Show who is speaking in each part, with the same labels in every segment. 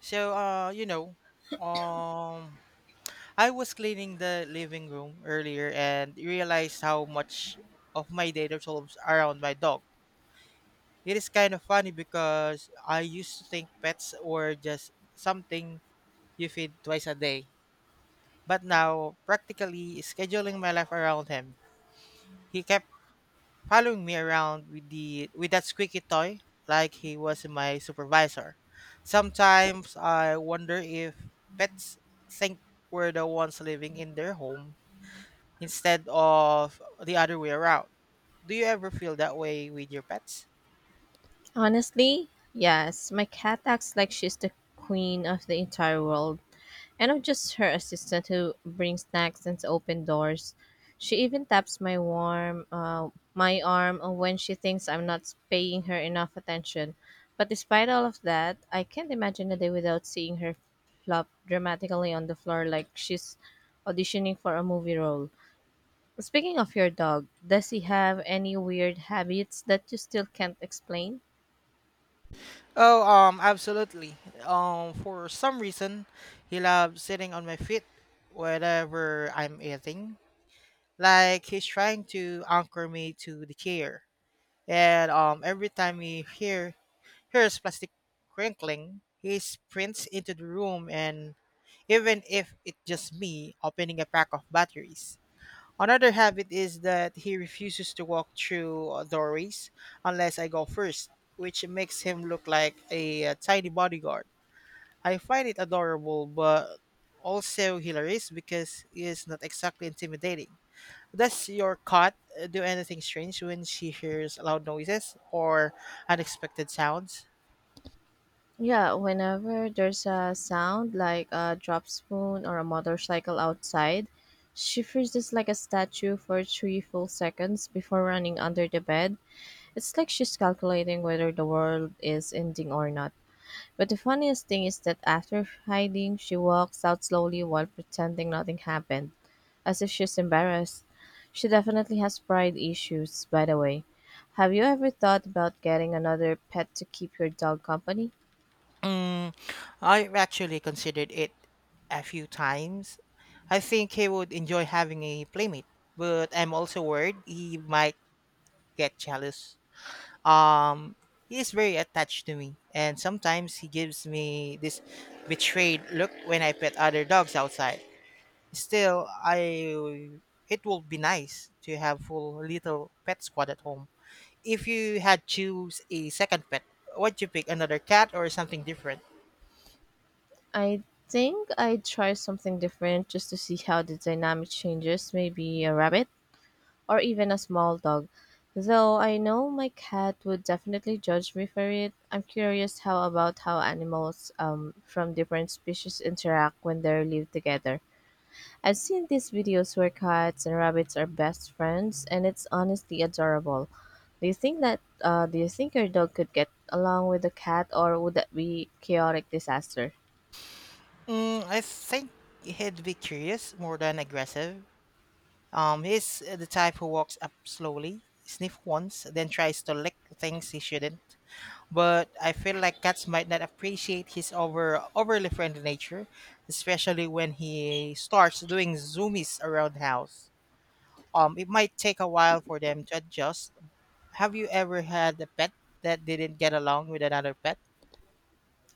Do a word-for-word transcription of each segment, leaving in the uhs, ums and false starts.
Speaker 1: So, uh, you know, um, I was cleaning the living room earlier and realized how much of my day revolves around my dog. It is kind of funny because I used to think pets were just something you feed twice a day, but now practically scheduling my life around him. He kept following me around with the with that squeaky toy like he was my supervisor. Sometimes I wonder if pets think we're the ones living in their home instead of the other way around. Do you ever feel that way with your pets?
Speaker 2: Honestly, yes. My cat acts like she's the queen of the entire world, and I'm just her assistant who brings snacks and open doors. She even taps my warm, uh, my arm when she thinks I'm not paying her enough attention. But despite all of that, I can't imagine a day without seeing her flop dramatically on the floor like she's auditioning for a movie role. Speaking of your dog, does he have any weird habits that you still can't explain?
Speaker 1: Oh, um, absolutely. Um, for some reason, he loves sitting on my feet whenever I'm eating. Like he's trying to anchor me to the chair. And um, every time he hear hears plastic crinkling, he sprints into the room. And even if it's just me opening a pack of batteries. Another habit is that he refuses to walk through uh, doorways unless I go first, which makes him look like a, uh tiny bodyguard. I find it adorable, but also hilarious because it is not exactly intimidating. Does your cat uh, do anything strange when she hears loud noises or unexpected sounds?
Speaker 2: Yeah, whenever there's a sound like a drop spoon or a motorcycle outside, she freezes like a statue for three full seconds before running under the bed. It's like she's calculating whether the world is ending or not. But the funniest thing is that after hiding, she walks out slowly while pretending nothing happened, as if she's embarrassed. She definitely has pride issues, by the way. Have you ever thought about getting another pet to keep your dog company?
Speaker 1: Mm, I've actually considered it a few times. I think he would enjoy having a playmate, but I'm also worried he might get jealous. Um, he is very attached to me, and sometimes he gives me this betrayed look when I pet other dogs outside. Still, I It would be nice to have full little pet squad at home. If you had choose a second pet, would you pick another cat or something different?
Speaker 2: I think I'd try something different just to see how the dynamic changes, maybe a rabbit or even a small dog. Though I know my cat would definitely judge me for it, I'm curious how about how animals um, from different species interact when they live together. I've seen these videos where cats and rabbits are best friends, and it's honestly adorable. Do you think that uh, do you think your dog could get along with the cat, or would that be chaotic disaster?
Speaker 1: Mm, I think he'd be curious more than aggressive. Um, he's uh, the type who walks up slowly, sniff once, then tries to lick things he shouldn't. But I feel like cats might not appreciate his over overly friendly nature, especially when he starts doing zoomies around the house. Um, it might take a while for them to adjust. Have you ever had a pet that didn't get along with another pet?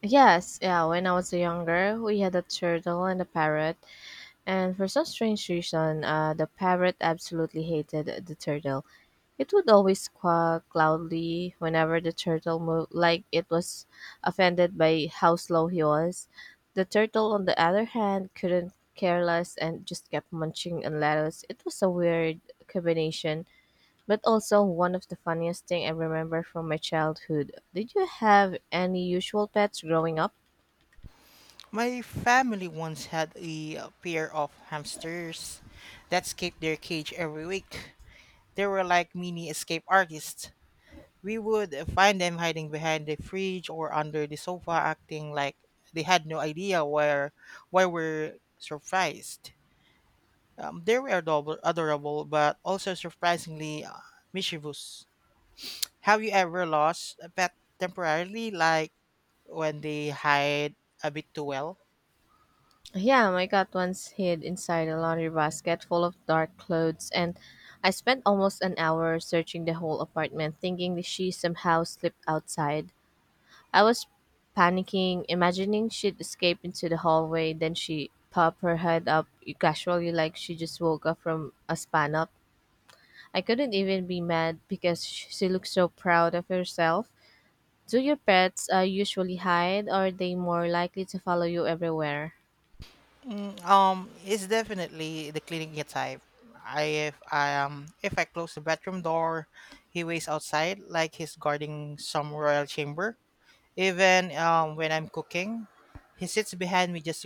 Speaker 2: Yes, yeah, when I was younger, we had a turtle and a parrot, and for some strange reason, uh, the parrot absolutely hated the turtle. It would always quack loudly whenever the turtle moved, like it was offended by how slow he was. The turtle, on the other hand, couldn't care less and just kept munching on lettuce. It was a weird combination, but also one of the funniest thing I remember from my childhood. Did you have any usual pets growing up?
Speaker 1: My family once had a uh, pair of hamsters that escaped their cage every week. They were like mini escape artists. We would uh, find them hiding behind the fridge or under the sofa, acting like they had no idea where why we're surprised. Um, they were adorable, adorable, but also surprisingly uh, mischievous. Have you ever lost a pet temporarily, like when they hide a bit too well?
Speaker 2: Yeah, my cat once hid inside a laundry basket full of dark clothes, and I spent almost an hour searching the whole apartment, thinking that she somehow slipped outside. I was panicking, imagining she'd escape into the hallway, then she popped her head up casually like she just woke up from a span up. I couldn't even be mad because sh- she looked so proud of herself. Do your pets uh, usually hide, or are they more likely to follow you everywhere?
Speaker 1: Um, it's definitely the cleaning type. I if I um if I close the bathroom door, he waits outside like he's guarding some royal chamber. Even um when I'm cooking, he sits behind me just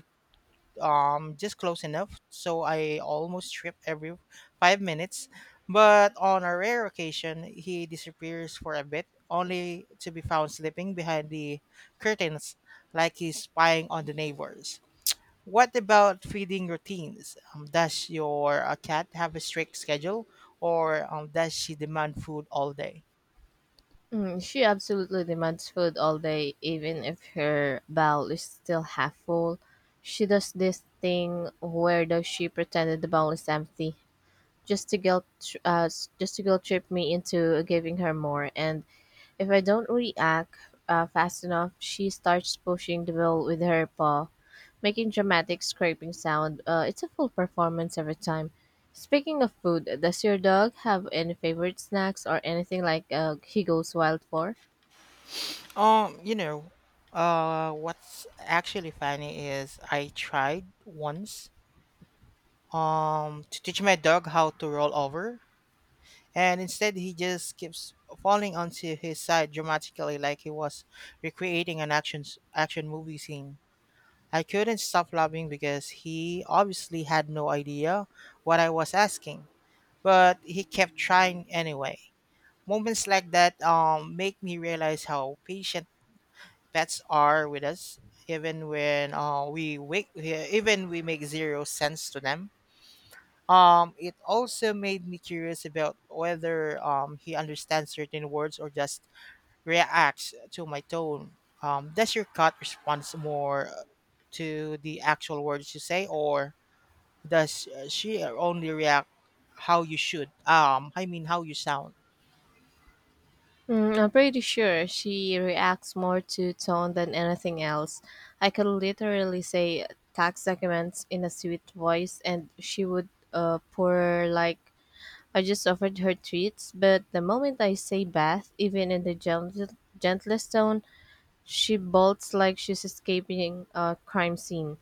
Speaker 1: um just close enough so I almost trip every five minutes. But on a rare occasion, he disappears for a bit, only to be found sleeping behind the curtains like he's spying on the neighbors. What about feeding routines? Um, does your uh, cat have a strict schedule, or um, does she demand food all day?
Speaker 2: Mm, she absolutely demands food all day, even if her bowl is still half full. She does this thing where does she pretended the bowl is empty, just to guilt, tr- uh, s- just to guilt trip me into giving her more. And if I don't react uh, fast enough, she starts pushing the bowl with her paw, making dramatic scraping sound. Uh, it's a full performance every time. Speaking of food, does your dog have any favorite snacks or anything like uh, he goes wild for?
Speaker 1: Um, you know, uh, what's actually funny is I tried once um to teach my dog how to roll over, and instead he just keeps falling onto his side dramatically, like he was recreating an action action movie scene. I couldn't stop laughing because he obviously had no idea what I was asking, but he kept trying anyway. Moments like that um, make me realize how patient pets are with us, even when uh, we wake, yeah, even we make zero sense to them. Um, it also made me curious about whether um, he understands certain words or just reacts to my tone. Um, does your cat respond more to the actual words you say, or does uh, she only react how you should? Um, I mean, how you sound?
Speaker 2: Mm, I'm pretty sure she reacts more to tone than anything else. I could literally say tax documents in a sweet voice, and she would uh, pour like I just offered her treats. But the moment I say bath, even in the gentle, gentlest tone, she bolts like she's escaping a crime scene.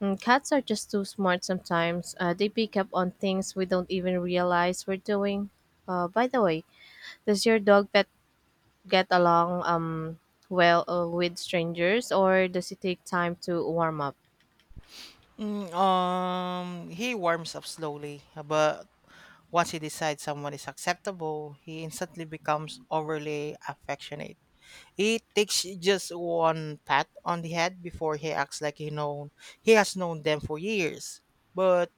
Speaker 2: Mm, cats are just too smart sometimes. Uh, they pick up on things we don't even realize we're doing. Uh, by the way, does your dog pet get along um well uh, with strangers or does it take time to warm up?
Speaker 1: Mm, um, he warms up slowly, but once he decides someone is acceptable, he instantly becomes overly affectionate. He takes just one pat on the head before he acts like he known he has known them for years. But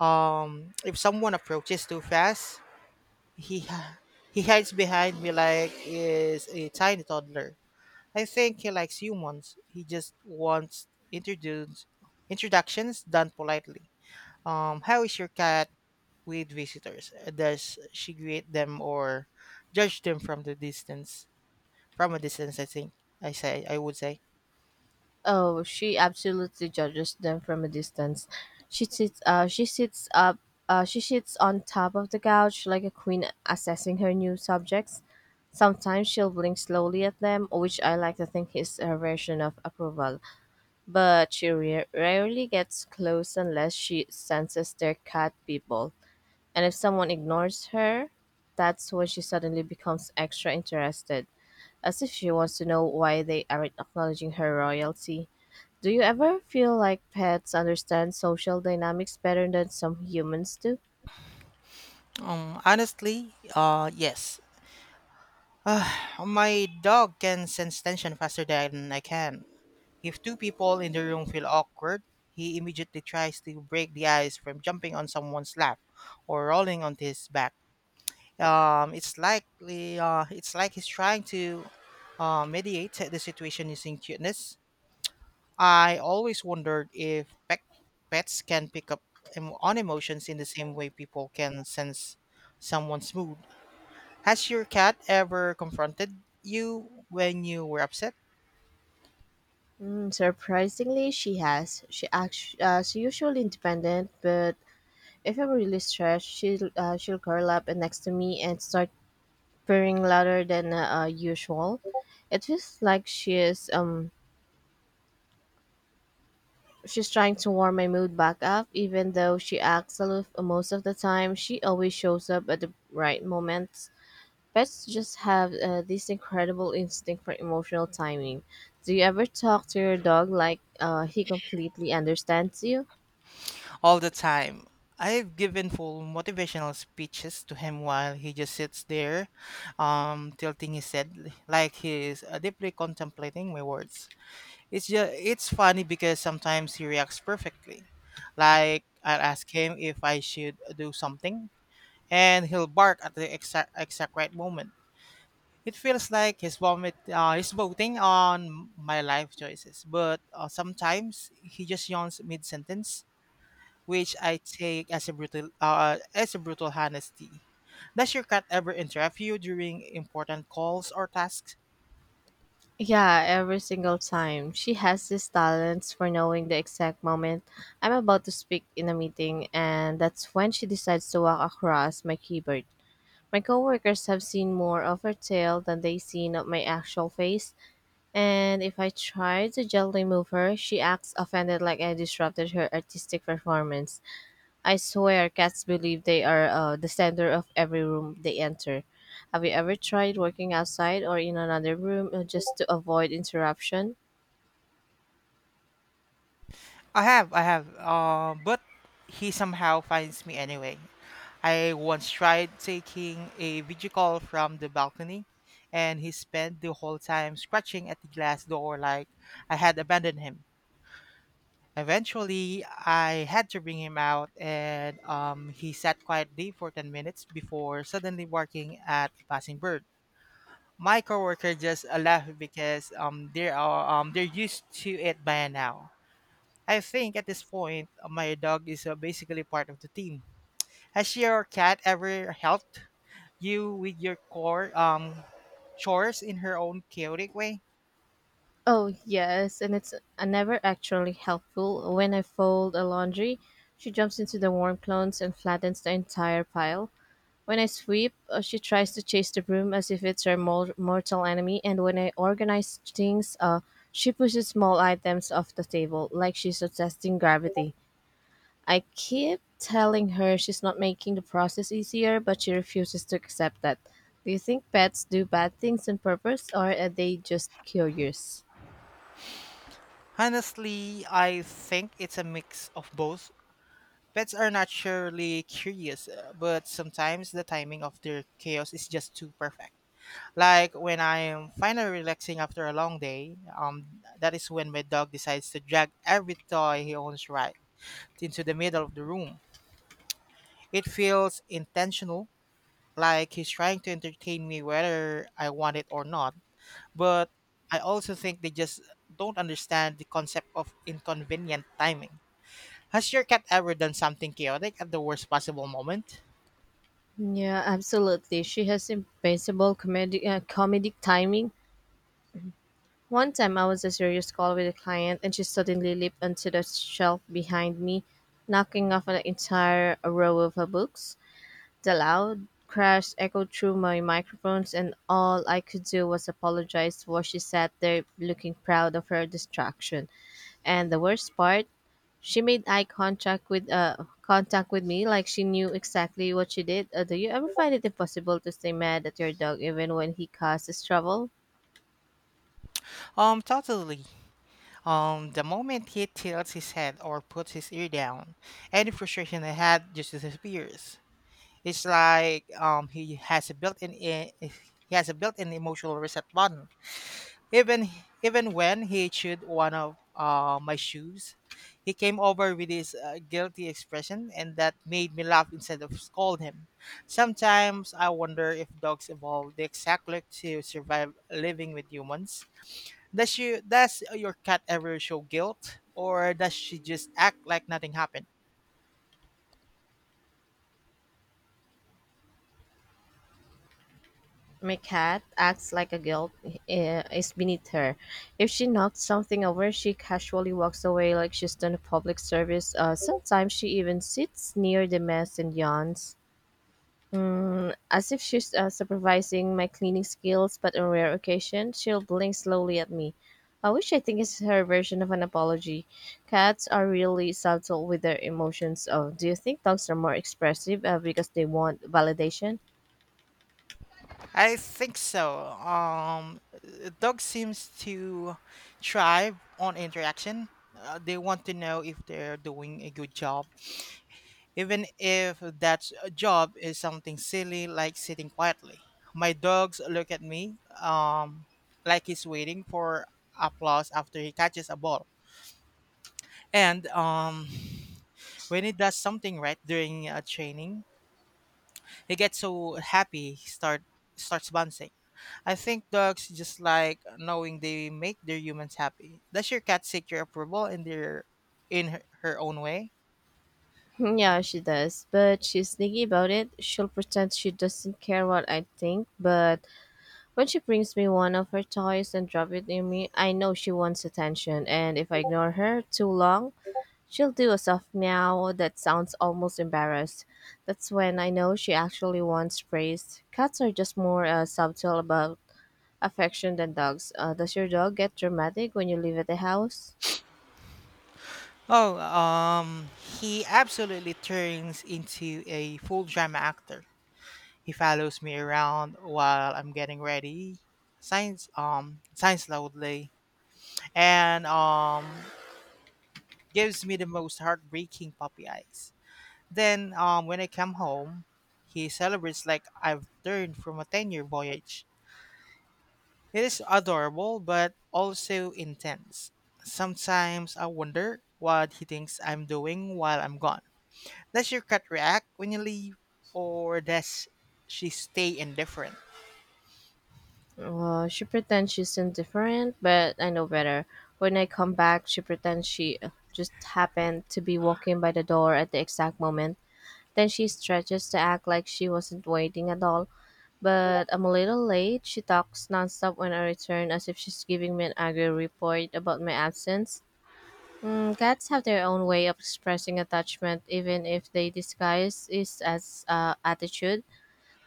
Speaker 1: um, if someone approaches too fast, he hi- he hides behind me like is a tiny toddler. I think he likes humans. He just wants introduce introductions done politely. Um, how is your cat with visitors? Uh, Does she greet them or judge them from the distance? From a distance, I think I say I would say.
Speaker 2: Oh, she absolutely judges them from a distance. She sits uh she sits up uh she sits on top of the couch like a queen assessing her new subjects. Sometimes she'll blink slowly at them, which I like to think is her version of approval. But she re- rarely gets close unless she senses they're cat people. And if someone ignores her, that's when she suddenly becomes extra interested, as if she wants to know why they aren't acknowledging her royalty. Do you ever feel like pets understand social dynamics better than some humans do?
Speaker 1: Um, honestly, uh, yes. Uh, my dog can sense tension faster than I can. If two people in the room feel awkward, he immediately tries to break the ice from jumping on someone's lap or rolling onto his back. Um, it's likely uh, it's like he's trying to uh, mediate the situation using cuteness. I always wondered if pet, pets can pick up em- on emotions in the same way people can sense someone's mood. Has your cat ever confronted you when you were upset?
Speaker 2: Mm, surprisingly, she has. She act- uh, she's usually independent, but if I'm really stressed, she'll, uh, she'll curl up and next to me and start purring louder than uh, usual. It feels like she is um She's trying to warm my mood back up, even though she acts aloof most of the time. She always shows up at the right moments. Pets just have uh, this incredible instinct for emotional timing. Do you ever talk to your dog like uh, he completely understands you?
Speaker 1: All the time. I've given full motivational speeches to him while he just sits there, um, tilting his head like he's uh, deeply contemplating my words. It's just it's funny because sometimes he reacts perfectly. Like I'll ask him if I should do something and he'll bark at the exact exact right moment. It feels like he's vomit uh, he's voting on my life choices, but uh, sometimes he just yawns mid sentence, which I take as a brutal uh, as a brutal honesty. Does your cat ever interrupt you during important calls or tasks?
Speaker 2: Yeah, every single time. She has this talent for knowing the exact moment I'm about to speak in a meeting, and that's when she decides to walk across my keyboard. My coworkers have seen more of her tail than they seen of my actual face, and if I try to gently move her, she acts offended like I disrupted her artistic performance. I swear cats believe they are uh, the center of every room they enter. Have you ever tried working outside or in another room uh, just to avoid interruption?
Speaker 1: I have, I have, uh, but he somehow finds me anyway. I once tried taking a video call from the balcony, and he spent the whole time scratching at the glass door like I had abandoned him. Eventually, I had to bring him out, and um, he sat quietly for ten minutes before suddenly barking at a passing bird. My coworker just uh, laughed because um, they are um, they're used to it by now. I think at this point, uh, my dog is uh, basically part of the team. Has your cat ever helped you with your core um chores in her own chaotic way?
Speaker 2: Oh, yes, and it's uh, never actually helpful. When I fold a laundry, she jumps into the warm clones and flattens the entire pile. When I sweep, uh, she tries to chase the broom as if it's her mor- mortal enemy, and when I organize things, uh, she pushes small items off the table like she's testing gravity. I keep telling her she's not making the process easier, but she refuses to accept that. Do you think pets do bad things on purpose, or are they just curious?
Speaker 1: Honestly, I think it's a mix of both. Pets are naturally curious, uh, but sometimes the timing of their chaos is just too perfect. Like when I am finally relaxing after a long day, um, that is when my dog decides to drag every toy he owns right into the middle of the room. It feels intentional, like he's trying to entertain me whether I want it or not. But I also think they just don't understand the concept of inconvenient timing. Has your cat ever done something chaotic at the worst possible moment?
Speaker 2: Yeah, absolutely. She has impeccable comedic, uh, comedic timing. One time I was a serious call with a client and she suddenly leaped onto the shelf behind me, knocking off an entire row of her books. The loud crash echoed through my microphones and all I could do was apologize while she sat there looking proud of her distraction. And the worst part, she made eye contact with uh contact with me like she knew exactly what she did. Uh, do you ever find it impossible to stay mad at your dog even when he causes trouble?
Speaker 1: Um, totally. Um, the moment he tilts his head or puts his ear down, any frustration I had just disappears. It's like um, he has a built-in e- he has a built-in emotional reset button. Even Even when he chewed one of uh, my shoes, he came over with his uh, guilty expression, and that made me laugh instead of scold him. Sometimes I wonder if dogs evolved exactly to survive living with humans. Does you does your cat ever show guilt or does she just act like nothing happened?
Speaker 2: My cat acts like a guilt eh, is beneath her. If she knocks something over, she casually walks away like she's done a public service. Uh, sometimes she even sits near the mess and yawns, mm, as if she's uh, supervising my cleaning skills. But on rare occasions, she'll blink slowly at me. I wish I think it's her version of an apology. Cats are really subtle with their emotions. Oh, do you think dogs are more expressive uh, because they want validation?
Speaker 1: I think so. Um, dog seems to thrive on interaction. Uh, they want to know if they're doing a good job, even if that job is something silly like sitting quietly. My dogs look at me um, like he's waiting for applause after he catches a ball. And um, when he does something right during a training, he gets so happy, he start starts bouncing. I think dogs just like knowing they make their humans happy. Does your cat seek your approval in their in her, her own way?
Speaker 2: Yeah, she does, but she's sneaky about it. She'll pretend she doesn't care what I think, but when she brings me one of her toys and drop it near me, I know she wants attention. And if I ignore her too long, she'll do a soft meow that sounds almost embarrassed. That's when I know she actually wants praise. Cats are just more uh, subtle about affection than dogs. Uh, does your dog get dramatic when you live at the house?
Speaker 1: Oh, um, he absolutely turns into a full drama actor. He follows me around while I'm getting ready, signs um signs loudly, and um gives me the most heartbreaking puppy eyes. Then, um, when I come home, he celebrates like I've returned from a ten year voyage. It is adorable, but also intense. Sometimes I wonder what he thinks I'm doing while I'm gone. Does your cat react when you leave, or does she stay indifferent?
Speaker 2: Well, she pretends she's indifferent, but I know better. When I come back, she pretends she uh, just happened to be walking by the door at the exact moment. Then she stretches to act like she wasn't waiting at all. But I'm a little late. She talks nonstop when I return, as if she's giving me an angry report about my absence. Mm, cats have their own way of expressing attachment, even if they disguise it as uh, attitude.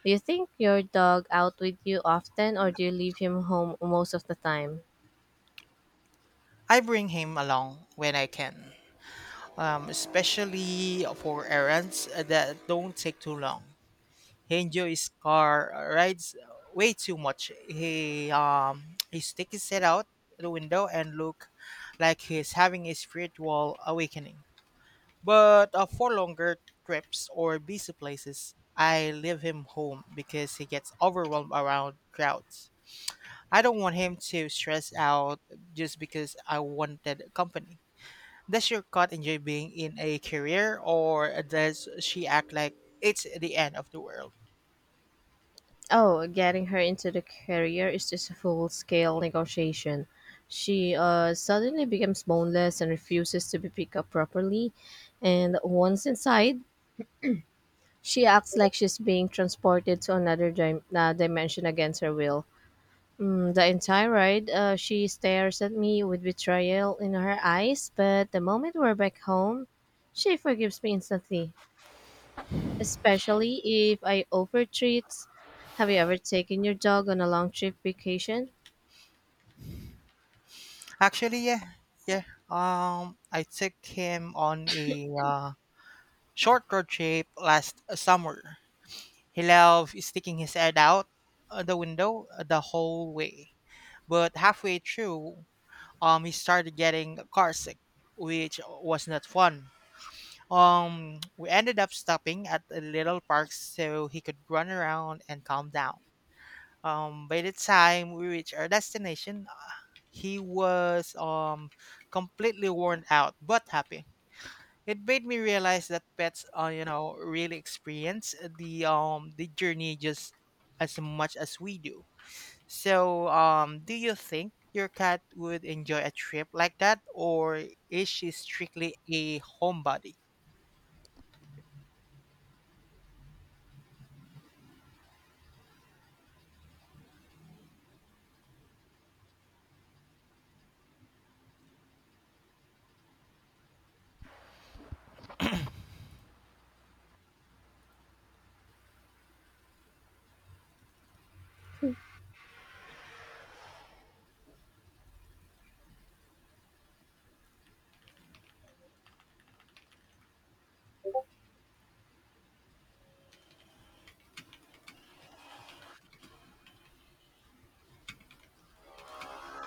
Speaker 2: Do you think your dog out with you often or do you leave him home most of the time?
Speaker 1: I bring him along when I can, um, especially for errands that don't take too long. He enjoys car uh, rides way too much. He um he sticks his head out the window and look like he's having a spiritual awakening. But uh, for longer trips or busy places, I leave him home because he gets overwhelmed around crowds. I don't want him to stress out just because I wanted company. Does your cat enjoy being in a career or does she act like it's the end of the world?
Speaker 2: Oh, getting her into the career is just a full scale negotiation. She uh, suddenly becomes boneless and refuses to be picked up properly. And once inside, she acts like she's being transported to another dim- uh, dimension against her will. Mm, the entire ride, uh, she stares at me with betrayal in her eyes, but the moment we're back home, she forgives me instantly, especially if I over treats. Have you ever taken your dog on a long trip vacation?
Speaker 1: Actually, yeah, yeah. Um, I took him on a uh, short road trip last summer. He loved sticking his head out uh, the window uh, the whole way, but halfway through, um, he started getting carsick, which was not fun. Um, we ended up stopping at a little park so he could run around and calm down. Um, by the time we reached our destination, uh, he was um, completely worn out but happy. It made me realize that pets, uh, you know, really experience the um the journey just as much as we do. So, um, do you think your cat would enjoy a trip like that, or is she strictly a homebody?